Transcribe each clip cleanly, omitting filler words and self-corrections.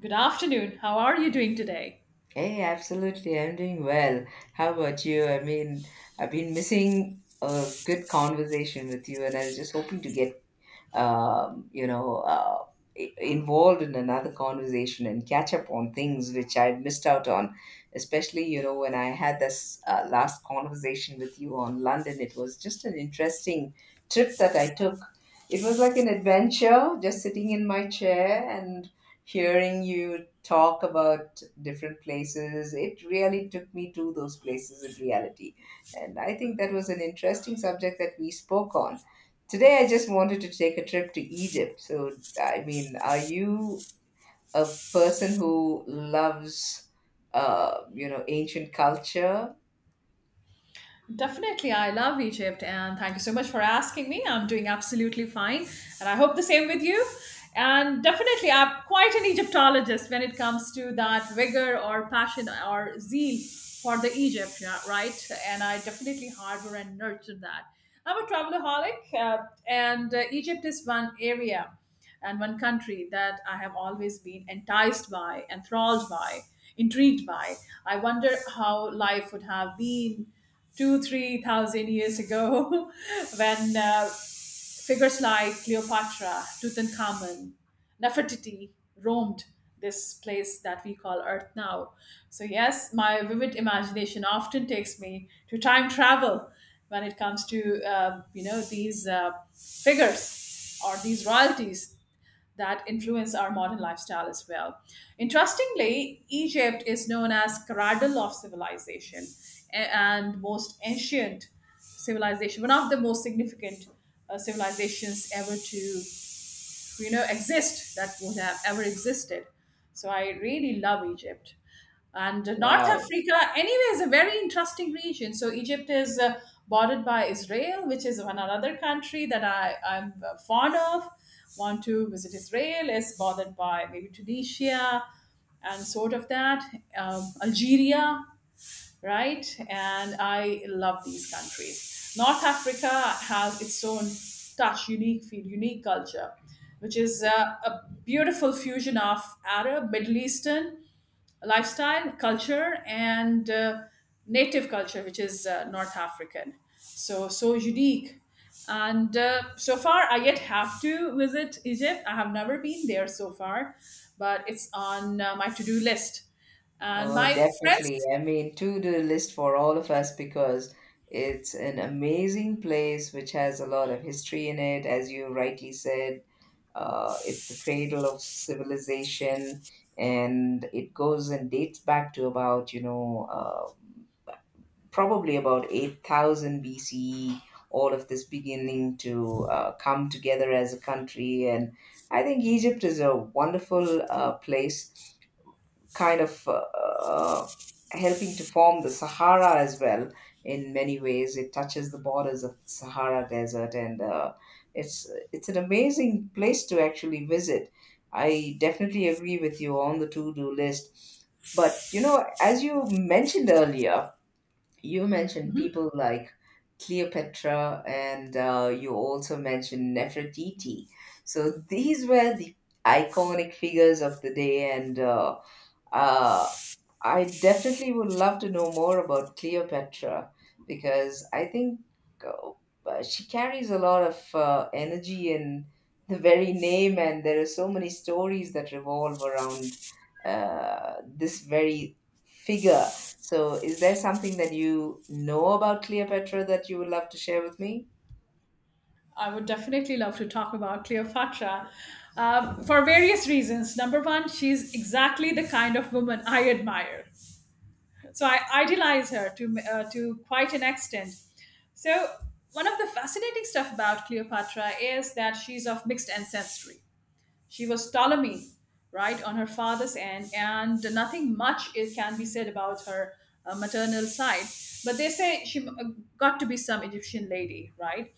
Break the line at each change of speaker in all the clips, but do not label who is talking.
Good afternoon. How are you doing today?
Hey, absolutely. I'm doing well. How about you? I mean, I've been missing a good conversation with you, and I was just hoping to get um, you know, uh, involved in another conversation and catch up on things which I missed out on. Especially, when I had this last conversation with you on London, it was just an interesting trip that I took. It was like an adventure, just sitting in my chair and hearing you talk about different places. It really took me to those places in reality. And I think that was an interesting subject that we spoke on. Today, I just wanted to take a trip to Egypt. So, I mean, are you a person who loves, ancient culture?
Definitely, I love Egypt and thank you so much for asking me. I'm doing absolutely fine and I hope the same with you. And definitely, I'm quite an Egyptologist when it comes to that vigor or passion or zeal for the Egypt, yeah, right? And I definitely harbor and nurture that. I'm a travelaholic and Egypt is one area and one country that I have always been enticed by, enthralled by, intrigued by. I wonder how life would have been two, 3,000 years ago when figures like Cleopatra, Tutankhamun, Nefertiti roamed this place that we call Earth now. So, yes, my vivid imagination often takes me to time travel when it comes to you know these figures or these royalties that influence our modern lifestyle as well. Interestingly, Egypt is known as cradle of civilization and most ancient civilization, one of the most significant civilizations ever to exist that would have ever existed. So I really love Egypt. And North
Wow.
Africa anyway is a very interesting region. So Egypt is bordered by Israel, which is one another country that I'm fond of, want to visit. Israel is bothered by maybe Tunisia and sort of that, Algeria, right? And I love these countries. North Africa has its own touch, unique feel, unique culture, which is a beautiful fusion of Arab, Middle Eastern lifestyle, culture, and native culture, which is North African. So unique. And so far, I yet have to visit Egypt. I have never been there so far, but it's on my to do list. And
Oh,
my
definitely.
friends.
I mean, to do list for all of us, because it's an amazing place which has a lot of history in it, as you rightly said. It's the cradle of civilization, and it goes and dates back to about, probably about 8000 BCE, all of this beginning to come together as a country. And I think Egypt is a wonderful place, kind of helping to form the Sahara as well in many ways. It touches the borders of the Sahara Desert, and it's an amazing place to actually visit. I definitely agree with you on the to do list. But you know, as you mentioned earlier, you mentioned
Mm-hmm.
people like Cleopatra, and you also mentioned Nefertiti. So these were the iconic figures of the day, and uh, I definitely would love to know more about Cleopatra, because I think uh, she carries a lot of energy in the very name, and there are so many stories that revolve around this very figure. So, is there something that you know about Cleopatra that you would love to share with me?
I would definitely love to talk about Cleopatra for various reasons. Number one, she's exactly the kind of woman I admire. So I idealize her to quite an extent. So, one of the fascinating stuff about Cleopatra is that she's of mixed ancestry. She was Ptolemy, right, on her father's end, and nothing much is can be said about her maternal side. But they say she got to be some Egyptian lady, right?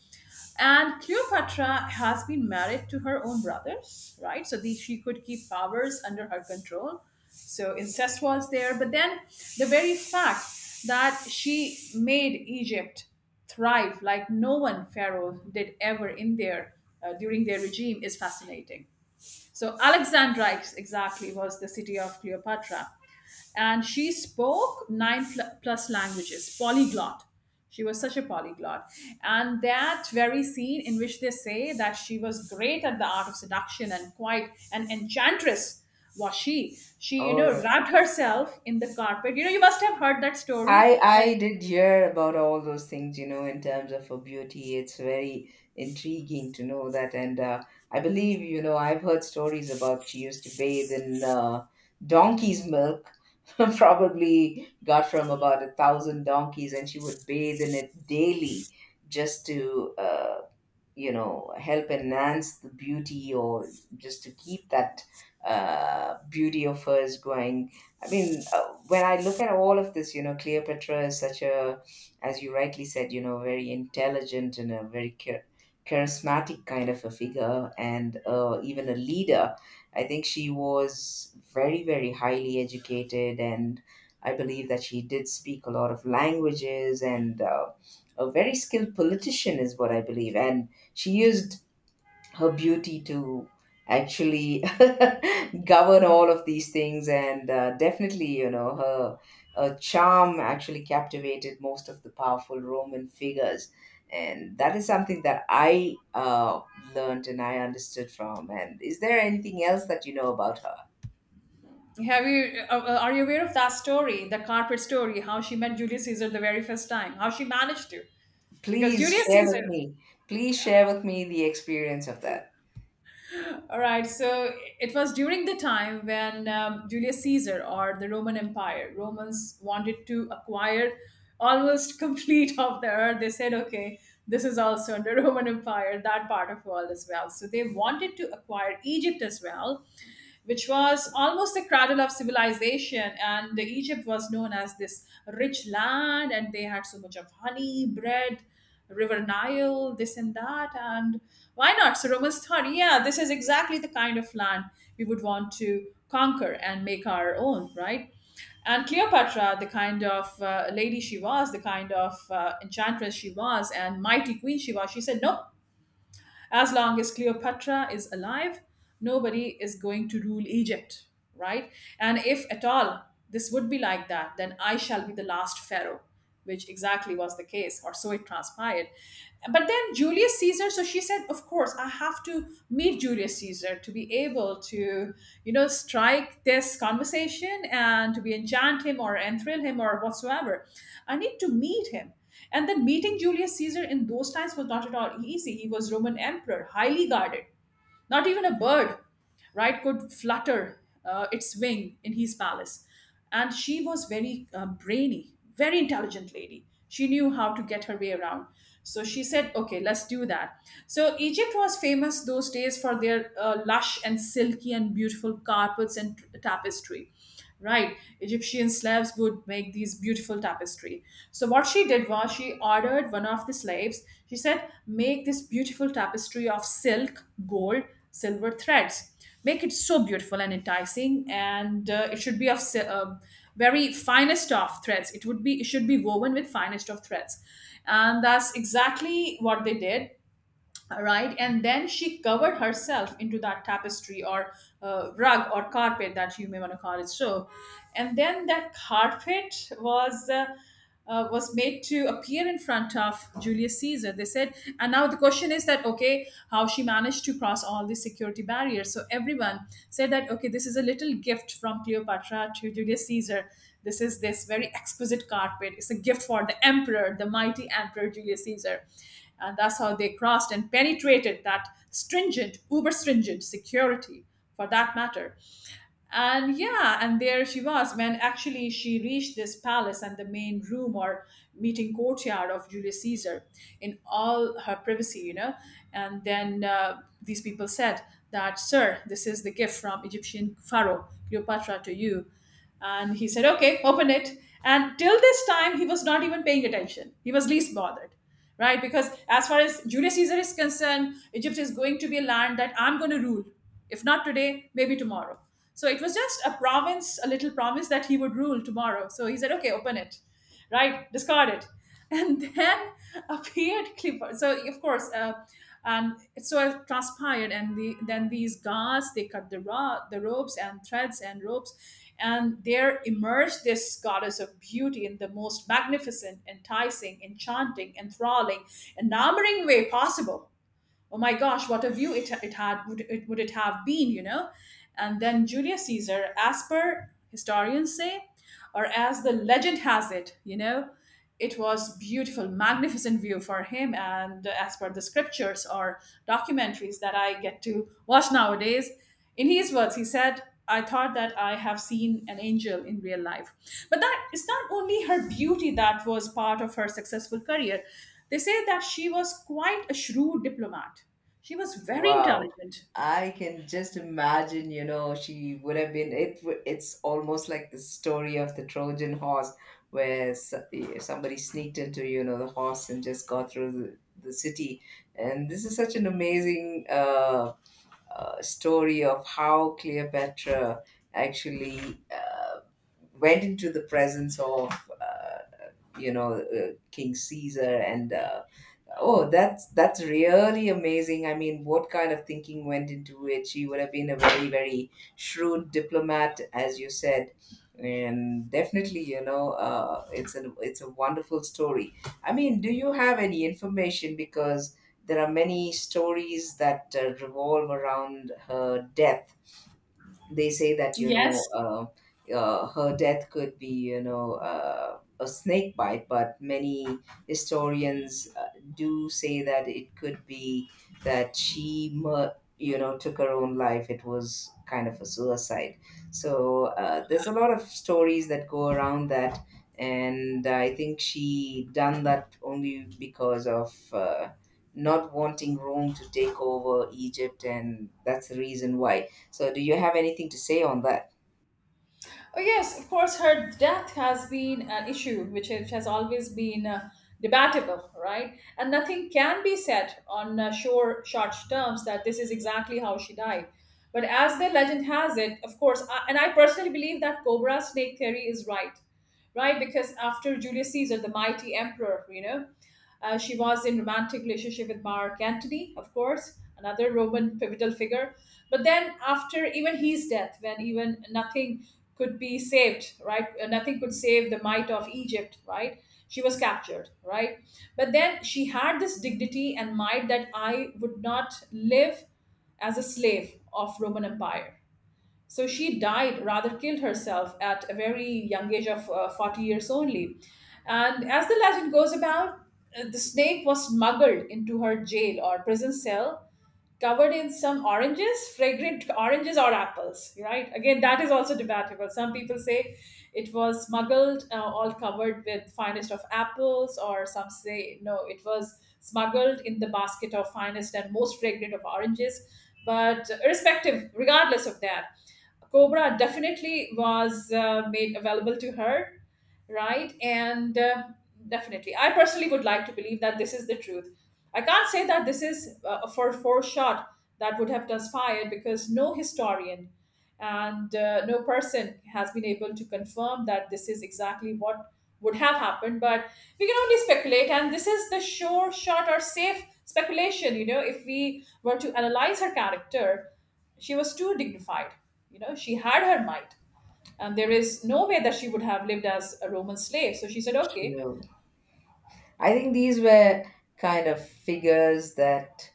And Cleopatra has been married to her own brothers, right? So she could keep powers under her control. So incest was there. But then the very fact that she made Egypt thrive like no one pharaoh did ever in their during their regime is fascinating. So Alexandrite exactly was the city of Cleopatra. And she spoke nine plus languages, polyglot. She was such a polyglot. And that very scene in which they say that she was great at the art of seduction and quite an enchantress was she. She
Oh,
wrapped herself in the carpet. You know, you must have heard that story.
I
That
I did hear about all those things, you know, in terms of her beauty. It's very intriguing to know that, and I believe, you know, I've heard stories about she used to bathe in donkey's milk, probably got from about a thousand donkeys, and she would bathe in it daily just to help enhance the beauty, or just to keep that beauty of hers going. I mean, when I look at all of this, Cleopatra is such a, as you rightly said, very intelligent and a very charismatic kind of a figure, and even a leader. I think she was very, very highly educated, and I believe that she did speak a lot of languages, and a very skilled politician is what I believe. And she used her beauty to actually govern all of these things, and definitely, her charm actually captivated most of the powerful Roman figures. And that is something that I learned and I understood from. And is there anything else that you know about her?
have you are you aware of that story, the carpet story, how she met Julius Caesar the very first time, how she managed to? Because
Please
Julius
share with
Caesar.
me. Please share with me the experience of that.
All right, so it was during the time when Julius Caesar or the Roman Empire, Romans wanted to acquire almost complete of the earth. They said, okay, this is also under Roman Empire, that part of world as well. So they wanted to acquire Egypt as well, which was almost the cradle of civilization. And Egypt was known as this rich land, and they had so much of honey, bread, river Nile, this and that. And why not? So Romans thought, yeah, this is exactly the kind of land we would want to conquer and make our own, right? And Cleopatra, the kind of lady she was, the kind of enchantress she was, and mighty queen she was, she said, nope, as long as Cleopatra is alive, nobody is going to rule Egypt, right? And if at all this would be like that, then I shall be the last pharaoh, which exactly was the case, or so it transpired. But then Julius Caesar, so she said, of course, I have to meet Julius Caesar to be able to, strike this conversation and to be enchant him or enthrall him or whatsoever. I need to meet him. And then meeting Julius Caesar in those times was not at all easy. He was Roman emperor, highly guarded. Not even a bird, right, could flutter its wing in his palace. And she was very brainy, very intelligent lady. She knew how to get her way around. So she said, okay, let's do that. So Egypt was famous those days for their lush and silky and beautiful carpets and tapestry, right. Egyptian slaves would make these beautiful tapestry. So what she did was she ordered one of the slaves. She said, make this beautiful tapestry of silk, gold, silver threads. Make it so beautiful and enticing, and it should be of very finest of threads. It would be, it should be woven with finest of threads. And that's exactly what they did, right. And then she covered herself into that tapestry or rug or carpet that you may want to call it so. And then that carpet was made to appear in front of Julius Caesar. They said, and now the question is that okay, how she managed to cross all these security barriers. So everyone said that okay, this is a little gift from Cleopatra to Julius Caesar. This is this very exquisite carpet. It's a gift for the emperor, the mighty emperor Julius Caesar. And that's how they crossed and penetrated that stringent, uber stringent security, for that matter. And yeah, and there she was when actually she reached this palace and the main room or meeting courtyard of Julius Caesar in all her privacy. And then these people said that, sir, this is the gift from Egyptian Pharaoh Cleopatra to you. And he said, okay, open it. And till this time, he was not even paying attention. He was least bothered, right? Because as far as Julius Caesar is concerned, Egypt is going to be a land that I'm going to rule. If not today, maybe tomorrow. So it was just a province, a little province that he would rule tomorrow. So he said, okay, open it, right? Discard it. And then appeared Clifford. So of course, and it so it transpired, and then these gods they cut the ropes and threads and ropes, and there emerged this goddess of beauty in the most magnificent, enticing, enchanting, enthralling, enamoring way possible. Oh my gosh, what a view it had, would it have been, you know? And then Julius Caesar, as per historians say, or as the legend has it, it was beautiful magnificent view for him and as per the scriptures or documentaries that I get to watch nowadays. In his words he said, I thought that I have seen an angel in real life. But that is not only her beauty that was part of her successful career. They say that she was quite a shrewd diplomat. She was very
Wow.
intelligent.
I can just imagine, she would have been, it's almost like the story of the Trojan horse, where somebody sneaked into, the horse and just got through the city. And this is such an amazing story of how Cleopatra actually went into the presence of, uh, King Caesar, and oh, that's really amazing. I mean, what kind of thinking went into it? She would have been a very, very shrewd diplomat, as you said, and definitely, it's a wonderful story. I mean, do you have any information? Because there are many stories that revolve around her death. They say that,
Yes.
her death could be, a snake bite, but many historians do say that it could be that she took her own life. It was kind of a suicide. So, there's a lot of stories that go around that. And I think she done that only because of not wanting Rome to take over Egypt, and that's the reason why. So, do you have anything to say on that?
Oh, yes, of course, her death has been an issue which has always been debatable, right? And nothing can be said on sure, short terms that this is exactly how she died. But as the legend has it, of course, and I personally believe that Cobra Snake theory is right, right? Because after Julius Caesar, the mighty emperor, she was in romantic relationship with Mark Antony, of course, another Roman pivotal figure. But then after even his death, when even nothing could be saved, right? Nothing could save the might of Egypt, right? She was captured, right? But then she had this dignity and might that I would not live as a slave of Roman Empire. So she died, rather killed herself at a very young age of 40 years only. And as the legend goes about, the snake was smuggled into her jail or prison cell covered in some oranges, fragrant oranges or apples, right? Again, that is also debatable. Some people say it was smuggled, all covered with finest of apples, or some say no, it was smuggled in the basket of finest and most fragrant of oranges. But irrespective, regardless of that, Cobra definitely was made available to her, right? And definitely, I personally would like to believe that this is the truth. I can't say that this is for shot that would have transpired because no historian and no person has been able to confirm that this is exactly what would have happened. But we can only speculate, and this is the sure shot or safe speculation. You know, if we were to analyze her character, she was too dignified. You know, she had her might and there is no way that she would have lived as a Roman slave. So she said, okay,
No. I think these were kind of figures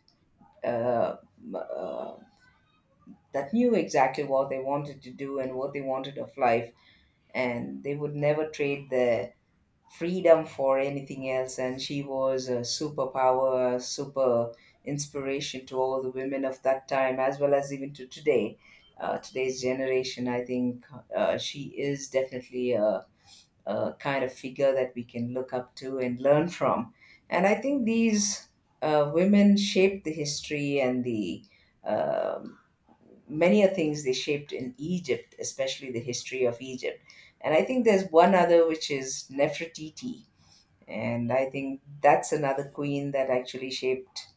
uh, m- uh, that knew exactly what they wanted to do and what they wanted of life, and they would never trade their freedom for anything else. And she was a superpower, super inspiration to all the women of that time, as well as even to today. Today's generation, I think she is definitely a kind of figure that we can look up to and learn from. And I think these women shaped the history, and the um many of things they shaped in Egypt, especially the history of Egypt. And I think there's one other which is Nefertiti. And I think that's another queen that actually shaped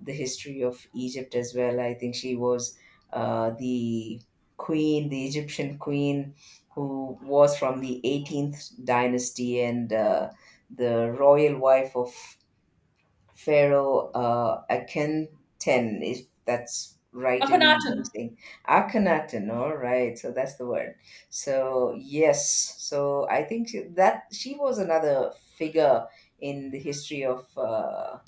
the history of Egypt as well. I think she was the queen, the Egyptian queen, who was from the 18th dynasty, and the royal wife of Pharaoh Akhenaten, if that's right in
Akhenaten,
using Akhenaten. All right, so that's the word. So yes, so I think that she was another figure in the history of. Uh,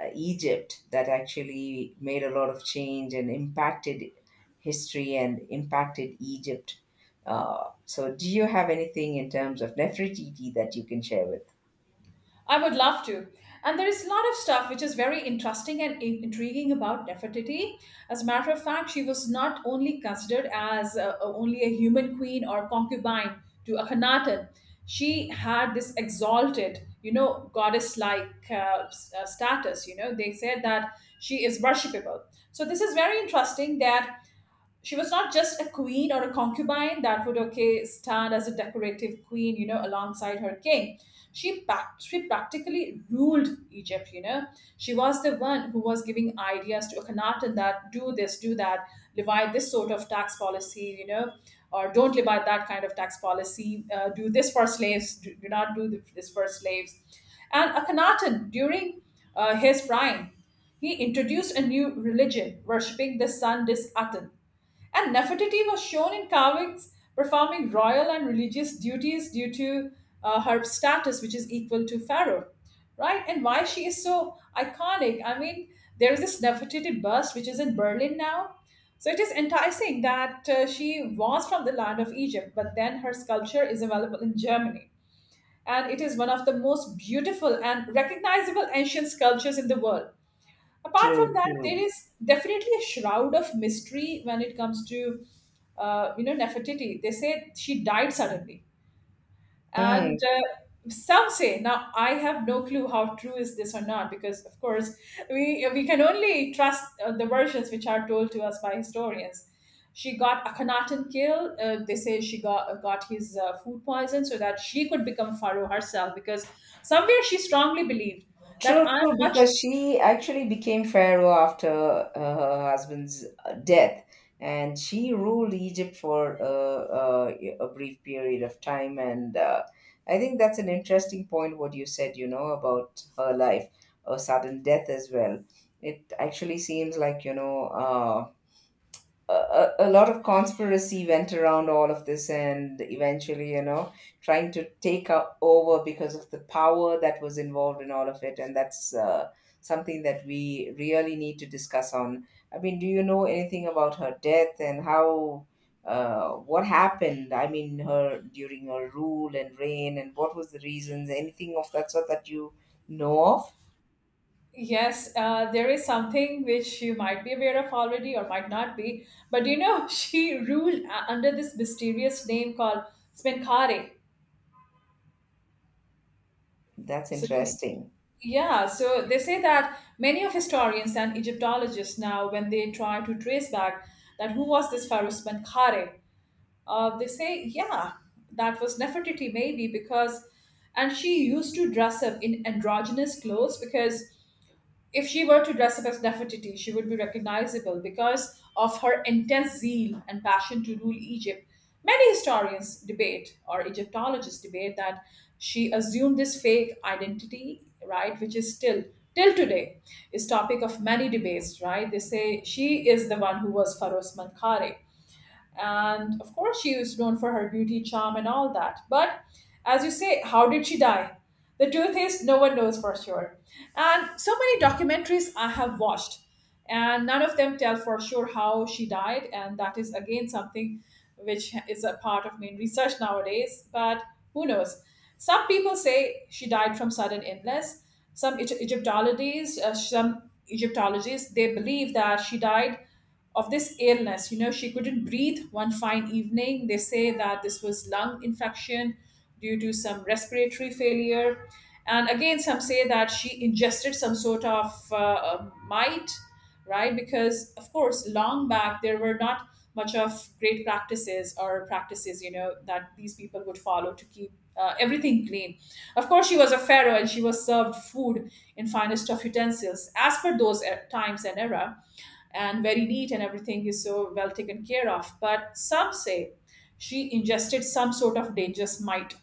uh, Egypt that actually made a lot of change and impacted history and impacted Egypt. So, do you have anything in terms of Nefertiti that you can share with?
I would love to. And there is a lot of stuff which is very interesting and intriguing about Nefertiti. As a matter of fact, she was not only considered as only a human queen or concubine to Akhenaten. She had this exalted, you know, goddess-like status. You know, they said that she is worshipable. So this is very interesting that she was not just a queen or a concubine that would okay stand as a decorative queen, you know, alongside her king. She she practically ruled Egypt, you know, she was the one who was giving ideas to Akhenaten that do this, do that, levy this sort of tax policy, you know, or don't levy that kind of tax policy, do this for slaves, do not do this for slaves. And Akhenaten during his prime, he introduced a new religion worshipping the sun disk Aten. And Nefertiti was shown in carvings performing royal and religious duties due to her status, which is equal to Pharaoh, right? And why she is so iconic. I mean, there is this Nefertiti bust which is in Berlin now. So it is enticing that she was from the land of Egypt, but then her sculpture is available in Germany. And it is one of the most beautiful and recognizable ancient sculptures in the world. Apart from
True,
that, there
true.
is definitely a shroud of mystery when it comes to, you know, Nefertiti. They say she died suddenly. and
Hmm.
uh, some say, now I have no clue how true is this or not, because of course we can only trust the versions which are told to us by historians. She got Akhenaten killed, they say she got his food poison so that she could become pharaoh herself, because somewhere she strongly believed that
True, true,
I'm much...
because she actually became pharaoh after her husband's death, and she ruled Egypt for a brief period of time. And I think that's an interesting point what you said, about her life, a sudden death as well. It actually seems like, a lot of conspiracy went around all of this, and eventually, trying to take over because of the power that was involved in all of it. And that's something that we really need to discuss on. I mean, do you know anything about her death, and how, what happened, I mean, her during her rule and reign, and what was the reasons, anything of that sort that you know of?
Yes, there is something which you might be aware of already or might not be, but you know, she ruled under this mysterious name called Smenkare.
That's
So she,
interesting.
yeah, so they say that many of historians and Egyptologists now, when they try to trace back that who was this pharaoh Smenkare, they say, yeah, that was Nefertiti maybe, because, and she used to dress up in androgynous clothes because if she were to dress up as Nefertiti, she would be recognizable because of her intense zeal and passion to rule Egypt. Many historians debate, or Egyptologists debate, that she assumed this fake identity, right, which is still till today is topic of many debates, right? They say she is the one who was Pharaoh's Menkaure, and of course, she was known for her beauty, charm, and all that. But as you say, how did she die? The truth is, no one knows for sure. And so many documentaries I have watched, and none of them tell for sure how she died. And that is again something which is a part of main research nowadays. But who knows? Some people say she died from sudden illness. Egyptologists, some Egyptologists, they believe that she died of this illness. You know, she couldn't breathe one fine evening. They say that this was lung infection due to some respiratory failure. And again, some say that she ingested some sort of mite, right? Because, of course, long back there were not much of great practices or practices, you know, that these people would follow to keep everything clean. Of course, she was a pharaoh and she was served food in finest of utensils as per those times and era, and very neat and everything is so well taken care of. But some say she ingested some sort of dangerous mite,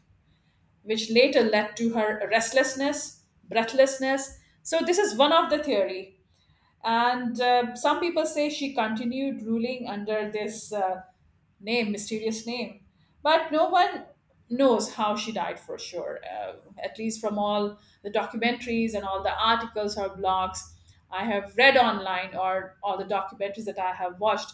which later led to her restlessness, breathlessness. So this is one of the theory. And some people say she continued ruling under this name, mysterious name. But no one knows how she died for sure. At least from all the documentaries and all the articles or blogs I have read online or all the documentaries that I have watched.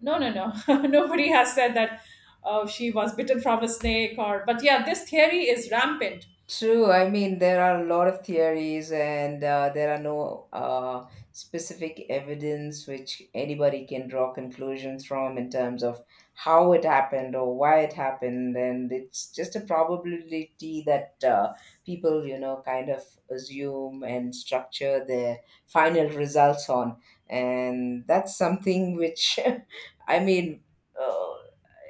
No, no, no. Nobody has said that she was bitten from a snake or. But yeah, this theory is rampant.
True. I mean, there are a lot of theories, and there are no specific evidence which anybody can draw conclusions from in terms of how it happened or why it happened. And it's just a probability that people, kind of assume and structure their final results on. And that's something which, I mean, uh,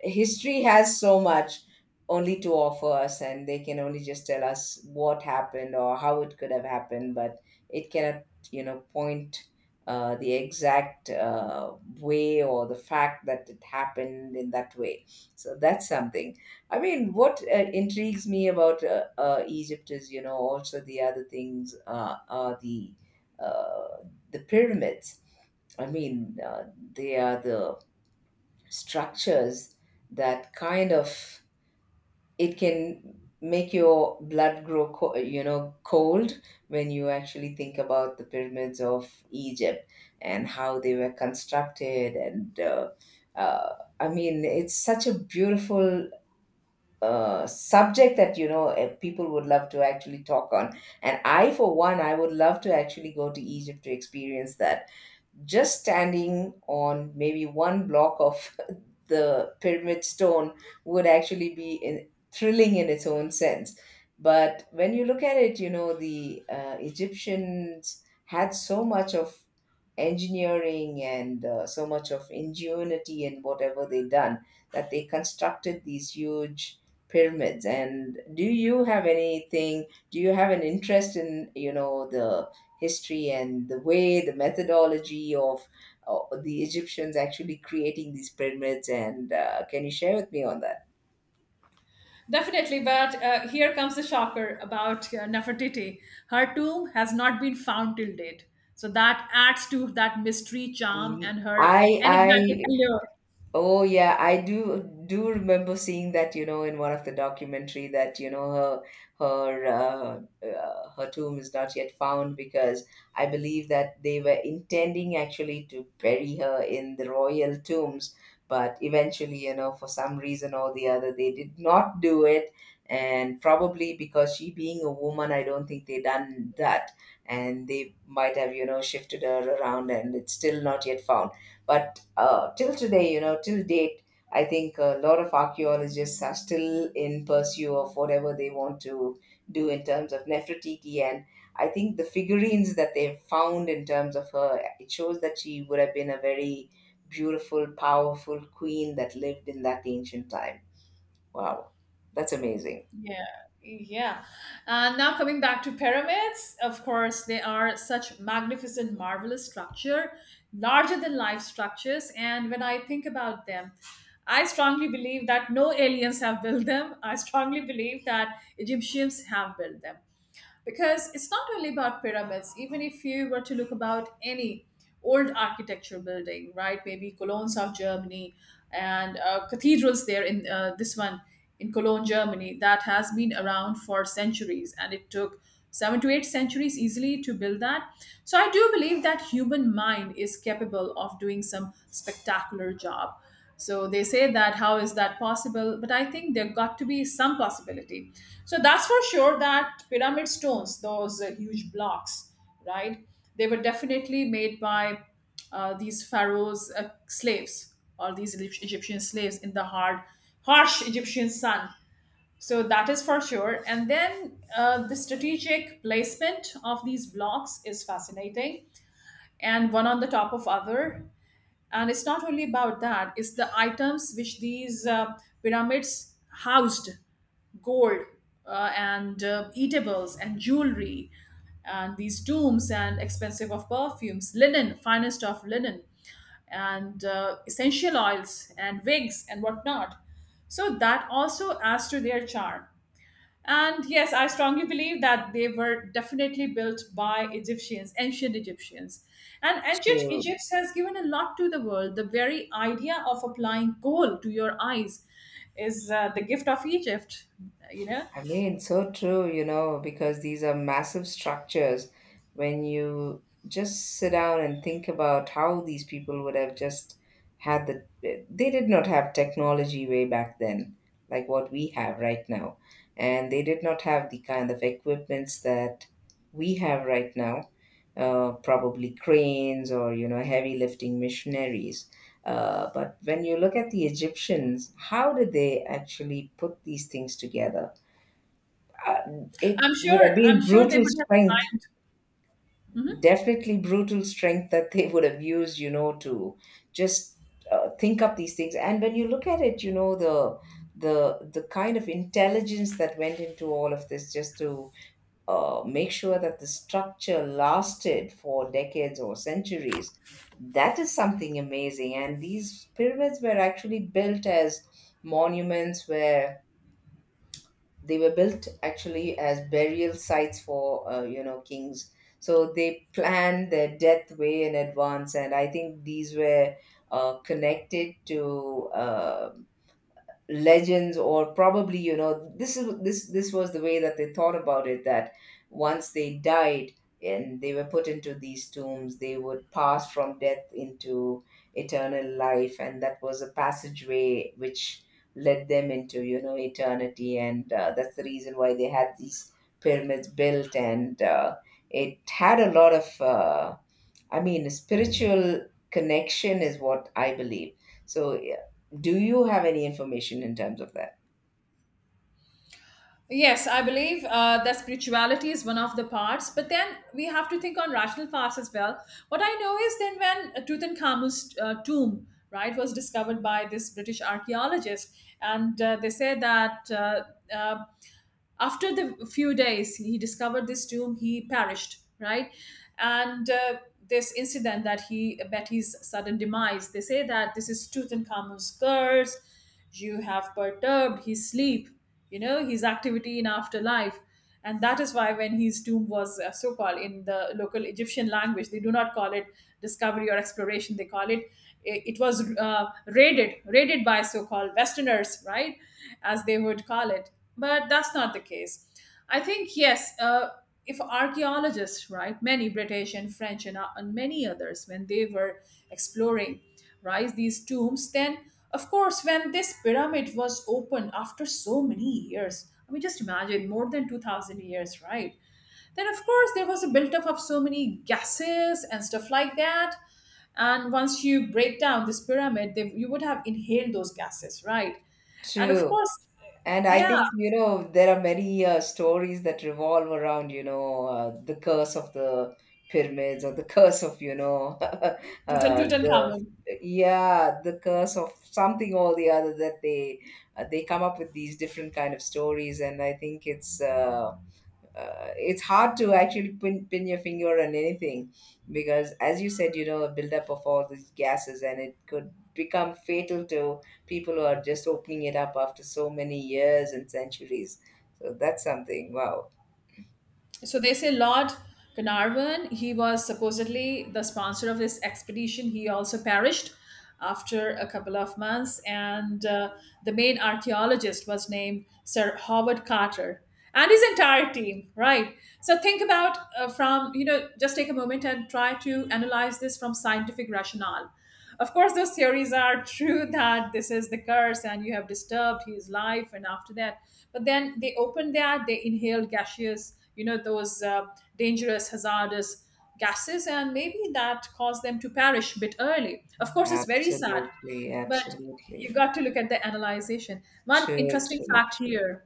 history has so much only to offer us, and they can only just tell us what happened or how it could have happened, but it cannot, point the exact way or the fact that it happened in that way. So that's something. I mean, what intrigues me about Egypt is, also the other things, are the, uh, the pyramids. I mean, they are the structures that kind of, it can make your blood grow cold when you actually think about the pyramids of Egypt, and how they were constructed. And uh, I mean, it's such a beautiful subject that people would love to actually talk on. And I, for one, I would love to actually go to Egypt to experience that. Just standing on maybe one block of the pyramid stone would actually be thrilling in its own sense. But when you look at it, the Egyptians had so much of engineering and so much of ingenuity in whatever they done, that they constructed these huge pyramids. And do you have an interest in, the history and the way, the methodology of the Egyptians actually creating these pyramids? And can you share with me on that?
Definitely, but here comes the shocker about Nefertiti. Her tomb has not been found till date. So that adds to that mystery charm
Mm.
and her enigmatic
I
allure.
Oh yeah, I do remember seeing that, you know, in one of the documentary that, her tomb is not yet found, because I believe that they were intending actually to bury her in the royal tombs, but eventually, for some reason or the other, they did not do it, and probably because she being a woman, I don't think they done that, and they might have, shifted her around, and it's still not yet found. But till today, till date, I think a lot of archaeologists are still in pursuit of whatever they want to do in terms of Nefertiti. And I think the figurines that they've found in terms of her, it shows that she would have been a very beautiful, powerful queen that lived in that ancient time. Wow, that's amazing.
Yeah, yeah. And now coming back to pyramids, of course, they are such magnificent, marvelous structure, larger than life structures. And when I think about them, I strongly believe that no aliens have built them. I strongly believe that Egyptians have built them, because it's not only about pyramids. Even if you were to look about any old architecture building, right, maybe Cologne, south Germany, and cathedrals there in, this one in Cologne, Germany, that has been around for centuries, and it took seven to eight centuries easily to build that. So I do believe that human mind is capable of doing some spectacular job. So they say that how is that possible, but I think there got to be some possibility. So that's for sure, that pyramid stones, those huge blocks, right, they were definitely made by these pharaohs slaves or these Egyptian slaves in the hard harsh Egyptian sun. So that is for sure. And then the strategic placement of these blocks is fascinating, and one on the top of other. And it's not only about that, it's the items which these pyramids housed. Gold, and eatables and jewelry, and these tombs, and expensive of perfumes, linen, finest of linen, and essential oils and wigs and whatnot. So that also adds to their charm. And yes, I strongly believe that they were definitely built by Egyptians, ancient Egyptians. And ancient
To
Egypt has given a lot to the world. The very idea of applying coal to your eyes is the gift of Egypt. You know,
I mean, so true, because these are massive structures. When you just sit down and think about how these people would have just they did not have technology way back then, like what we have right now. And they did not have the kind of equipments that we have right now, probably cranes or, you know, heavy lifting machineries. But when you look at the Egyptians, how did they actually put these things together? Uh, it
I'm
would have
sure.
been
I'm sure they
brutal
would have
strength,
applied.
definitely brutal strength that they would have used, to just think up these things. And when you look at it, the kind of intelligence that went into all of this, just to make sure that the structure lasted for decades or centuries, that is something amazing. And these pyramids were actually built as monuments where they were built actually as burial sites for kings, so they planned their death way in advance. And I think these were connected to legends, or probably, you know this is this this was the way that they thought about it, that once they died and they were put into these tombs, they would pass from death into eternal life, and that was a passageway which led them into, eternity. And that's the reason why they had these pyramids built. And it had a lot of I mean, spiritual connection is what I believe. So, yeah, do you have any information in terms of that?
Yes, I believe that spirituality is one of the parts, but then we have to think on rational parts as well. What I know is then when Tutankhamun's tomb, right, was discovered by this British archaeologist, and they say that uh, after the few days he discovered this tomb, he perished, right? And this incident, that he betty's sudden demise, they say that this is Tutankhamun's curse. You have perturbed his sleep, you know, his activity in afterlife. And that is why when his tomb was, so called in the local Egyptian language, they do not call it discovery or exploration, they call it, it was raided, raided by so called westerners, right, as they would call it. But that's not the case. I think yes, if archaeologists, right, many British and French and and many others, when they were exploring rise these tombs, then of course when this pyramid was opened after so many years, I mean, just imagine, more than 2000 years, right? Then of course there was a buildup of so many gases and stuff like that. And once you break down this pyramid, you would have inhaled those gases, right? And of
True.
course,
And I
yeah.
think, there are many stories that revolve around, the curse of the pyramids, or the curse of, the,
Tutankhamun,
yeah, the curse of something or the other that they come up with these different kind of stories. And I think it's hard to actually pin your finger on anything, because, as you said, a buildup of all these gases, and it could become fatal to people who are just opening it up after so many years and centuries. So that's something. Wow.
so they say Lord Carnarvon, he was supposedly the sponsor of this expedition. He also perished after a couple of months, and the main archaeologist was named Sir Howard Carter and his entire team. Right. So think about, from, you know, just take a moment and try to analyze this from scientific rationale. Of course, those theories are true that this is the curse and you have disturbed his life, and after that. But then they opened that, they inhaled gaseous, you know, those dangerous, hazardous gases, and maybe that caused them to perish a bit early. Of course, it's very sad,
Absolutely,
but
absolutely.
you got to look at the analyzation. One
True,
interesting
true,
fact
true.
here,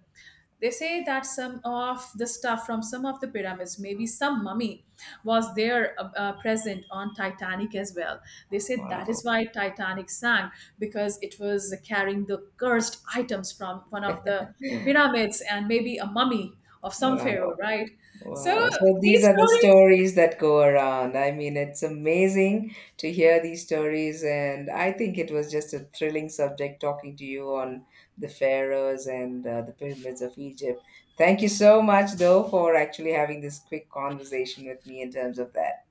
they say that some of the stuff from some of the pyramids, maybe some mummy, was there present on Titanic as well. They say that is
Wow,
why Titanic sank, because it was carrying the cursed items from one of the pyramids, and maybe a mummy of some pharaoh,
wow.
right? So
Wow. So these
these
are the
stories.
stories that go around. I mean, it's amazing to hear these stories. And I think it was just a thrilling subject talking to you on the pharaohs and the pyramids of Egypt. Thank you so much, though, for actually having this quick conversation with me in terms of that.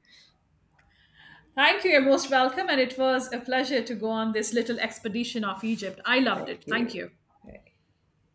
Thank you. You're most welcome, and it was a pleasure to go on this little expedition of Egypt. I loved it.
Thank
Thank
you.
you.